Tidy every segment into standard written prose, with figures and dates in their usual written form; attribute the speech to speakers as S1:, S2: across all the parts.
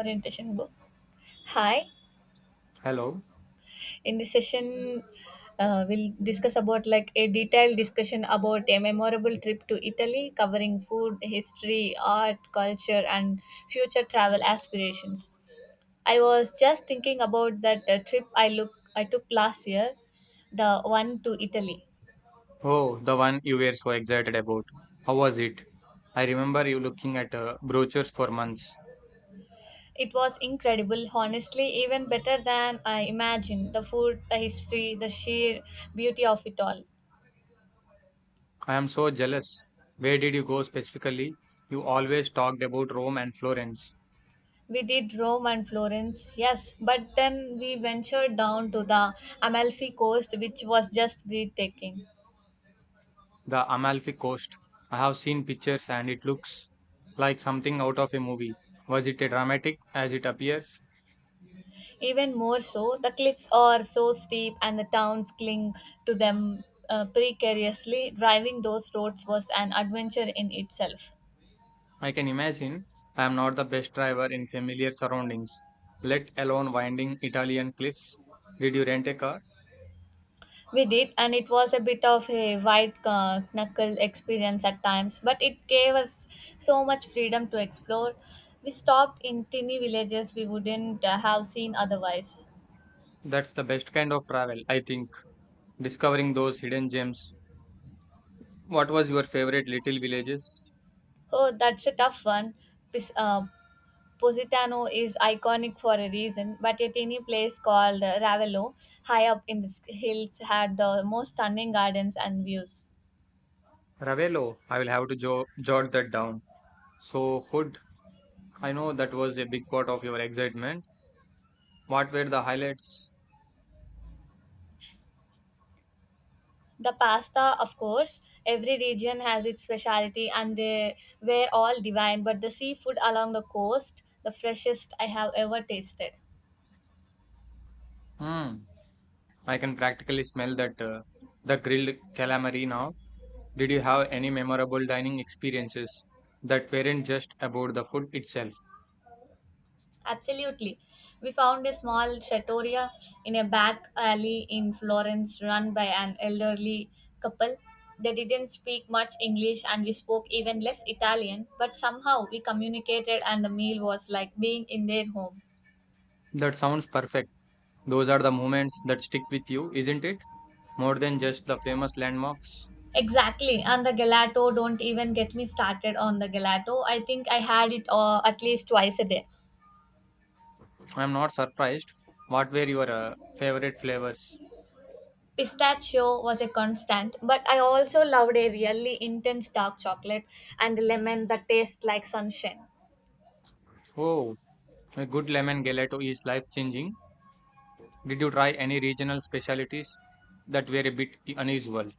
S1: Orientation go. Hi.
S2: Hello.
S1: In this session, we'll discuss about like a detailed discussion about a memorable trip to Italy covering food, history, art, culture and future travel aspirations. I was just thinking about that trip I took last year, the one to Italy.
S2: Oh, the one you were so excited about. How was it? I remember you looking at brochures for months.
S1: It was incredible, honestly, even better than I imagined. The food, the history, the sheer beauty of it all.
S2: I am so jealous. Where did you go specifically? You always talked about Rome and Florence,
S1: We did Rome and Florence, yes, but then we ventured down to the Amalfi coast, which was just breathtaking.
S2: the Amalfi Coast. I have seen pictures and it looks like something out of a movie. Was it a dramatic as it appears?
S1: Even more so, the cliffs are so steep and the towns cling to them precariously. Driving those roads was an adventure in itself.
S2: I can imagine I am not the best driver in familiar surroundings, let alone winding Italian cliffs. Did you rent a car?
S1: We did, and it was a bit of a white knuckle experience at times, but it gave us so much freedom to explore. We stopped in tiny villages we wouldn't have seen otherwise.
S2: That's the best kind of travel, I think, discovering those hidden gems. What was your favorite little villages?
S1: Oh, that's a tough one. Pis- uh, Positano is iconic for a reason, but a tiny place called Ravello, high up in the hills, had the most stunning gardens and views.
S2: Ravelo, I will have to jot that down. So, food, I know that was a big part of your excitement. What were the highlights?
S1: The pasta, of course, every region has its specialty and they were all divine, but the seafood along the coast, the freshest I have ever tasted.
S2: Hmm, I can practically smell that the grilled calamari now. Did you have any memorable dining experiences that weren't just about the food itself?
S1: Absolutely. We found a small trattoria in a back alley in Florence run by an elderly couple. They didn't speak much English and we spoke even less Italian, but somehow we communicated and the meal was like being in their home.
S2: That sounds perfect. Those are the moments that stick with you, isn't it? More than just the famous landmarks.
S1: Exactly. And the gelato, don't even get me started on the gelato. I think I had it at least twice a day.
S2: I'm not surprised. What were your favorite flavors?
S1: Pistachio was a constant, but I also loved a really intense dark chocolate and lemon that tastes like sunshine.
S2: Oh, a good lemon gelato is life changing. Did you try any regional specialties that were a bit unusual?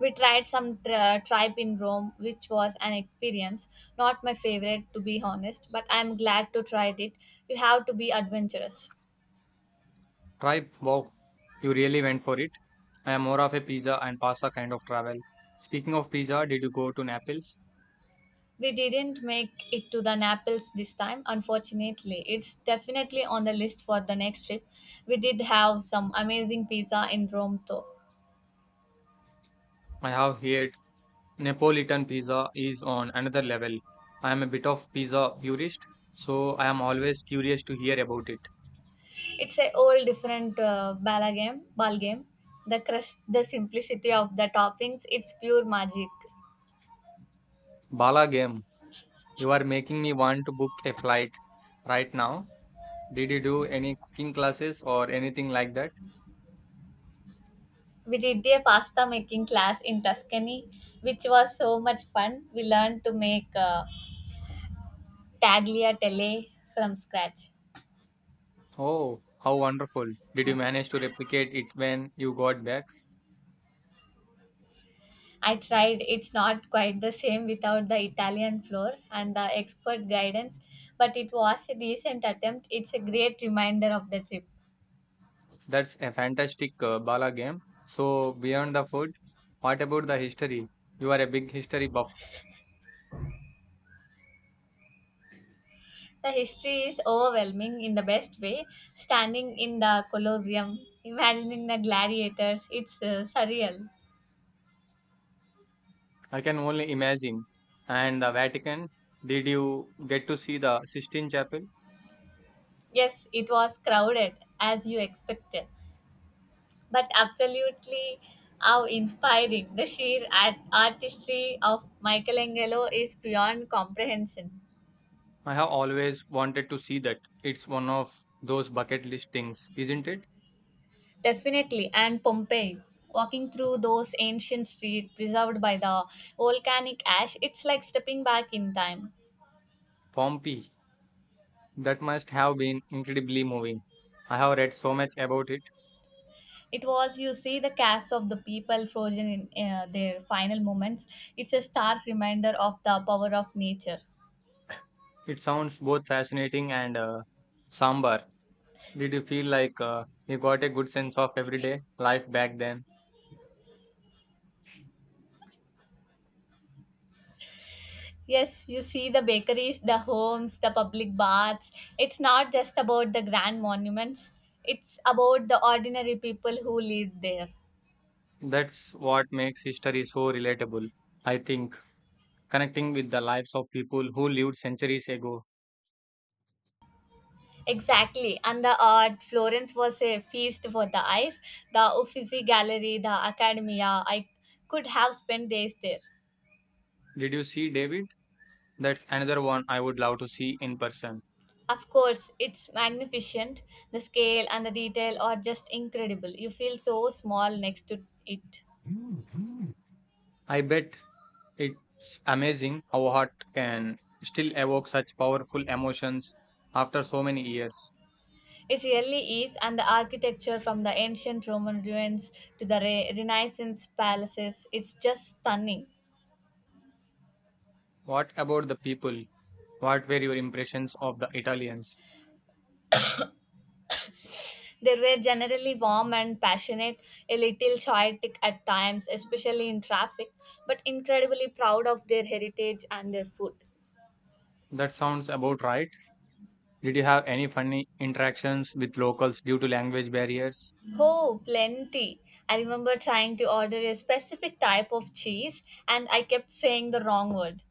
S1: We tried some tripe in Rome, which was an experience. Not my favorite, to be honest, but I'm glad to try it. You have to be adventurous.
S2: Try, wow, you really went for it. I am more of a pizza and pasta kind of travel. Speaking of pizza, did you go to Naples?
S1: We didn't make it to the Naples this time, unfortunately. It's definitely on the list for the next trip. We did have some amazing pizza in Rome, though.
S2: I have heard Neapolitan pizza is on another level. I am a bit of pizza purist, so I am always curious to hear about it.
S1: It's a whole different ball game. Ball game. The crust, the simplicity of the toppings. It's pure magic.
S2: Bala game. You are making me want to book a flight right now. Did you do any cooking classes or anything like that?
S1: We did a pasta making class in Tuscany, which was so much fun. We learned to make tagliatelle from scratch.
S2: Oh, how wonderful. Did you manage to replicate it when you got back?
S1: I tried, it's not quite the same without the Italian floor and the expert guidance, but it was a decent attempt. It's a great reminder of the trip.
S2: That's a fantastic bala game. So, beyond the food, what about the history? You are a big history buff.
S1: The history is overwhelming in the best way, standing in the Colosseum, imagining the gladiators, it's surreal.
S2: I can only imagine. And the Vatican, did you get to see the Sistine Chapel?
S1: Yes, it was crowded as you expected, but absolutely how inspiring. The sheer artistry of Michelangelo is beyond comprehension.
S2: I have always wanted to see that. It's one of those bucket list things, isn't it?
S1: Definitely, and Pompeii. Walking through those ancient streets preserved by the volcanic ash, it's like stepping back in time.
S2: Pompeii. That must have been incredibly moving. I have read so much about it.
S1: It was, you see, the casts of the people frozen in their final moments. It's a stark reminder of the power of nature.
S2: It sounds both fascinating and, somber. Did you feel like you got a good sense of everyday life back then?
S1: Yes, you see the bakeries, the homes, the public baths. It's not just about the grand monuments, it's about the ordinary people who live there.
S2: That's what makes history so relatable, I think. Connecting with the lives of people who lived centuries ago.
S1: Exactly, and the art. Florence was a feast for the eyes. The Uffizi Gallery, the Academia. I could have spent days there.
S2: Did you see David? That's another one I would love to see in person.
S1: Of course, it's magnificent. The scale and the detail are just incredible. You feel so small next to it.
S2: I bet it's amazing how art can still evoke such powerful emotions after so many years.
S1: It really is, and the architecture from the ancient Roman ruins to the Renaissance palaces, it's just stunning.
S2: What about the people? What were your impressions of the Italians?
S1: They were generally warm and passionate, a little chaotic at times, especially in traffic, but incredibly proud of their heritage and their food.
S2: That sounds about right. Did you have any funny interactions with locals due to language barriers?
S1: Oh, plenty. I remember trying to order a specific type of cheese and I kept saying the wrong word,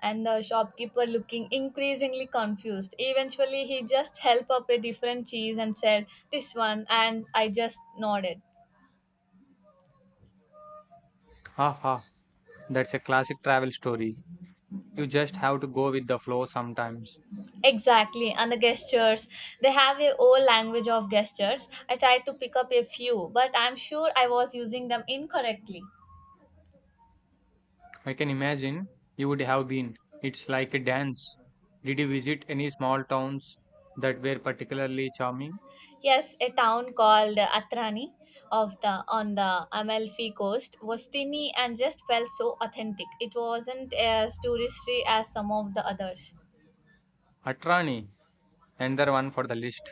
S1: and the shopkeeper looking increasingly confused. Eventually, he just helped up a different cheese and said, "This one," and I just nodded.
S2: Ha ha! That's a classic travel story. You just have to go with the flow sometimes.
S1: Exactly, and the gestures. They have a whole language of gestures. I tried to pick up a few, but I'm sure I was using them incorrectly.
S2: I can imagine you would have been. It's like a dance. Did you visit any small towns that were particularly charming?
S1: Yes, a town called Atrani of the on the Amalfi coast was tiny and just felt so authentic. It wasn't as touristy as some of the others.
S2: Atrani, another one for the list.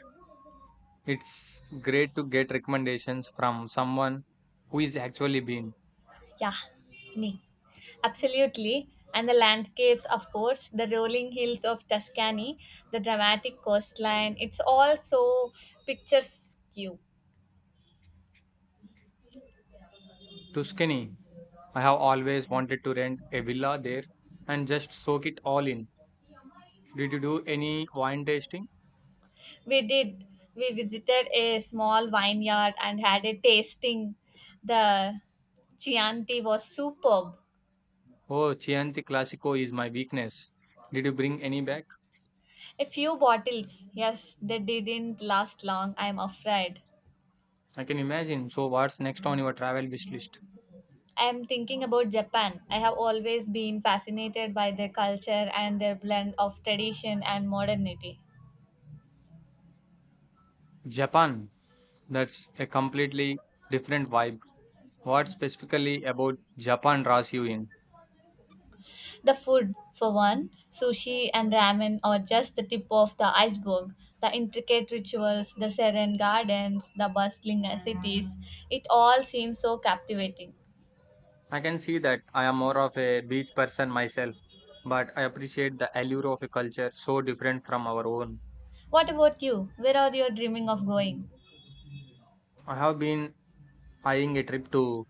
S2: It's great to get recommendations from someone who is actually been.
S1: Yeah, me, absolutely. And the landscapes, of course, the rolling hills of Tuscany, the dramatic coastline, it's all so picturesque. We
S2: Tuscany. I have always wanted to rent a villa there and just soak it all in. Did you do any wine tasting?
S1: did. We visited a small vineyard and had a tasting. The Chianti was superb.
S2: Oh, Chianti Classico is my weakness. Did you bring any back?
S1: A few bottles. Yes, they didn't last long, I'm afraid.
S2: I can imagine. So, what's next on your travel wish list?
S1: I am thinking about Japan. I have always been fascinated by their culture and their blend of tradition and modernity.
S2: Japan. That's a completely different vibe. What specifically about Japan draws you in?
S1: The food, for one, sushi and ramen are just the tip of the iceberg. The intricate rituals, the serene gardens, the bustling cities, it all seems so captivating.
S2: I can see that I am more of a beach person myself, but I appreciate the allure of a culture so different from our own.
S1: What about you? Where are you dreaming of going?
S2: I have been eyeing a trip to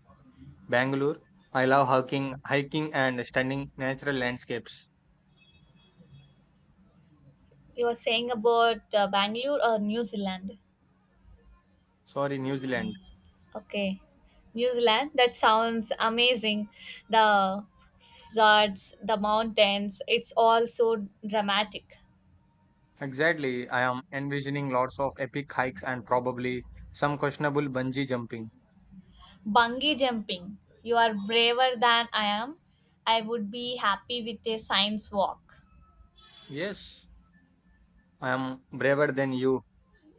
S2: Bangalore. I love hiking, hiking and stunning natural landscapes.
S1: You were saying about Bangalore or New Zealand?
S2: Sorry, New Zealand.
S1: Okay, New Zealand. That sounds amazing. The fjords, the mountains. It's all so dramatic.
S2: Exactly. I am envisioning lots of epic hikes and probably some questionable bungee jumping.
S1: Bungee jumping. You are braver than I am. I would be happy with a science walk.
S2: Yes, I am braver than you.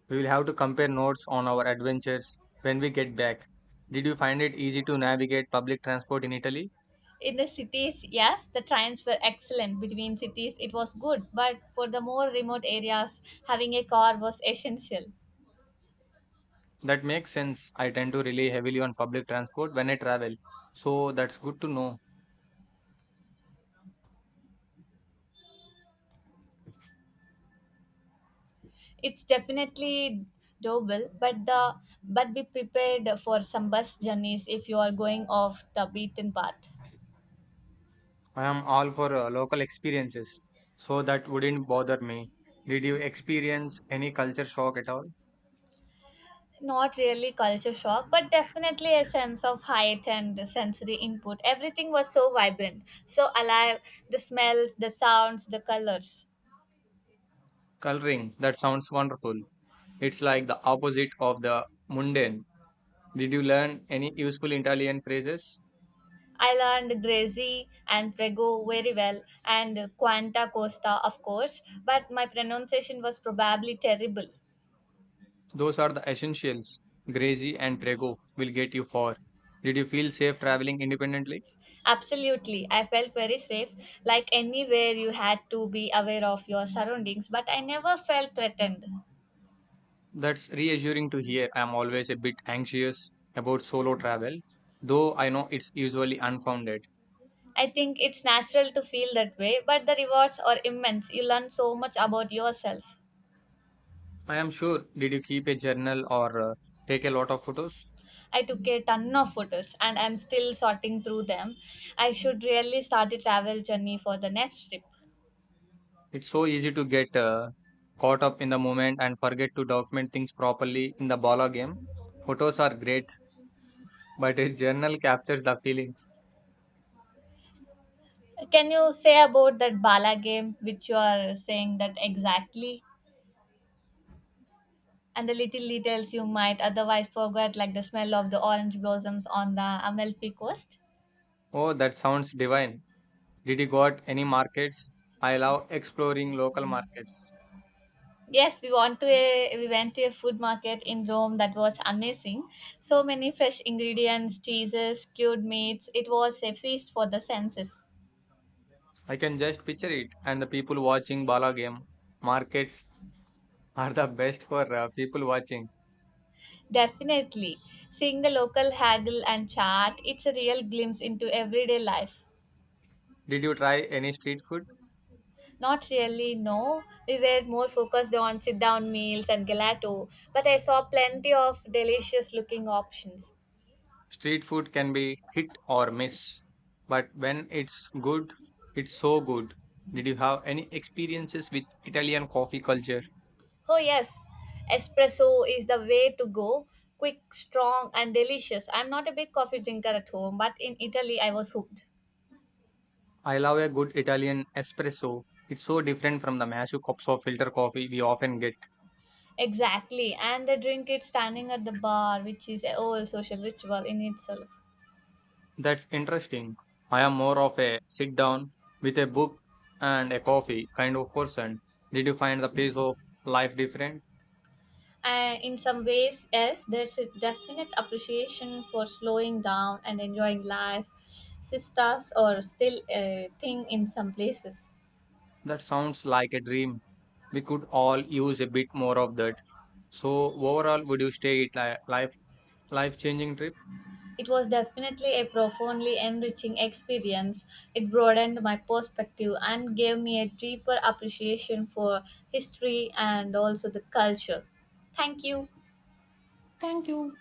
S2: We will have to compare notes on our adventures when we get back. Did you find it easy to navigate public transport in Italy?
S1: In the cities, yes, the trains were excellent. Between cities, it was good. But for the more remote areas, having a car was essential.
S2: That makes sense. I tend to rely heavily on public transport when I travel. So that's good to know.
S1: It's definitely doable, but the but be prepared for some bus journeys if you are going off the beaten path.
S2: I am all for local experiences, so that wouldn't bother me. Did you experience any culture shock at all?
S1: Not really culture shock, but definitely a sense of height and sensory input. Everything was so vibrant, so alive. The smells, the sounds, the colors.
S2: Coloring, that sounds wonderful. It's like the opposite of the mundane. Did you learn any useful Italian phrases?
S1: I learned Grazy and Prego very well, and Quanta Costa, of course, but my pronunciation was probably terrible.
S2: Those are the essentials. Grazie and prego will get you far. Did you feel safe traveling independently?
S1: Absolutely. I felt very safe. Like anywhere, you had to be aware of your surroundings, but I never felt threatened.
S2: That's reassuring to hear. I'm always a bit anxious about solo travel, though I know it's usually unfounded.
S1: I think it's natural to feel that way, but the rewards are immense. You learn so much about yourself.
S2: I am sure. Did you keep a journal or take a lot of photos?
S1: I took a ton of photos and I'm still sorting through them. I should really start a travel journey for the next trip.
S2: It's so easy to get caught up in the moment and forget to document things properly in the balla game. Photos are great, but a journal captures the feelings.
S1: Can you say about that Bala game, which you are saying that exactly? And the little details you might otherwise forget, like the smell of the orange blossoms on the Amalfi Coast.
S2: Oh, that sounds divine. Did you got any markets? I love exploring local markets.
S1: Yes, we went to a food market in Rome that was amazing. So many fresh ingredients, cheeses, cured meats. It was a feast for the senses.
S2: I can just picture it and the people watching balla game. Markets are the best for people watching.
S1: Definitely, seeing the local haggle and chat, it's a real glimpse into everyday life.
S2: Did you try any street food?
S1: Not really, no. We were more focused on sit down meals and gelato, but I saw plenty of delicious looking options.
S2: Street food can be hit or miss, but when it's good, it's so good. Did you have any experiences with Italian coffee culture?
S1: Oh, yes. Espresso is the way to go. Quick, strong, and delicious. I'm not a big coffee drinker at home, but in Italy, I was hooked.
S2: I love a good Italian espresso. It's so different from the massive cups of filter coffee we often get.
S1: Exactly. And they drink it standing at the bar, which is a whole social ritual in itself.
S2: That's interesting. I am more of a sit down with a book and a coffee kind of person. Did you find the pace of life different?
S1: And in some ways, yes, there's a definite appreciation for slowing down and enjoying life. Sisters are still a thing in some places.
S2: That sounds like a dream. We could all use a bit more of that. So overall, would you stay it life life changing trip?
S1: It was definitely a profoundly enriching experience. It broadened my perspective and gave me a deeper appreciation for history and also the culture. Thank you.
S2: Thank you.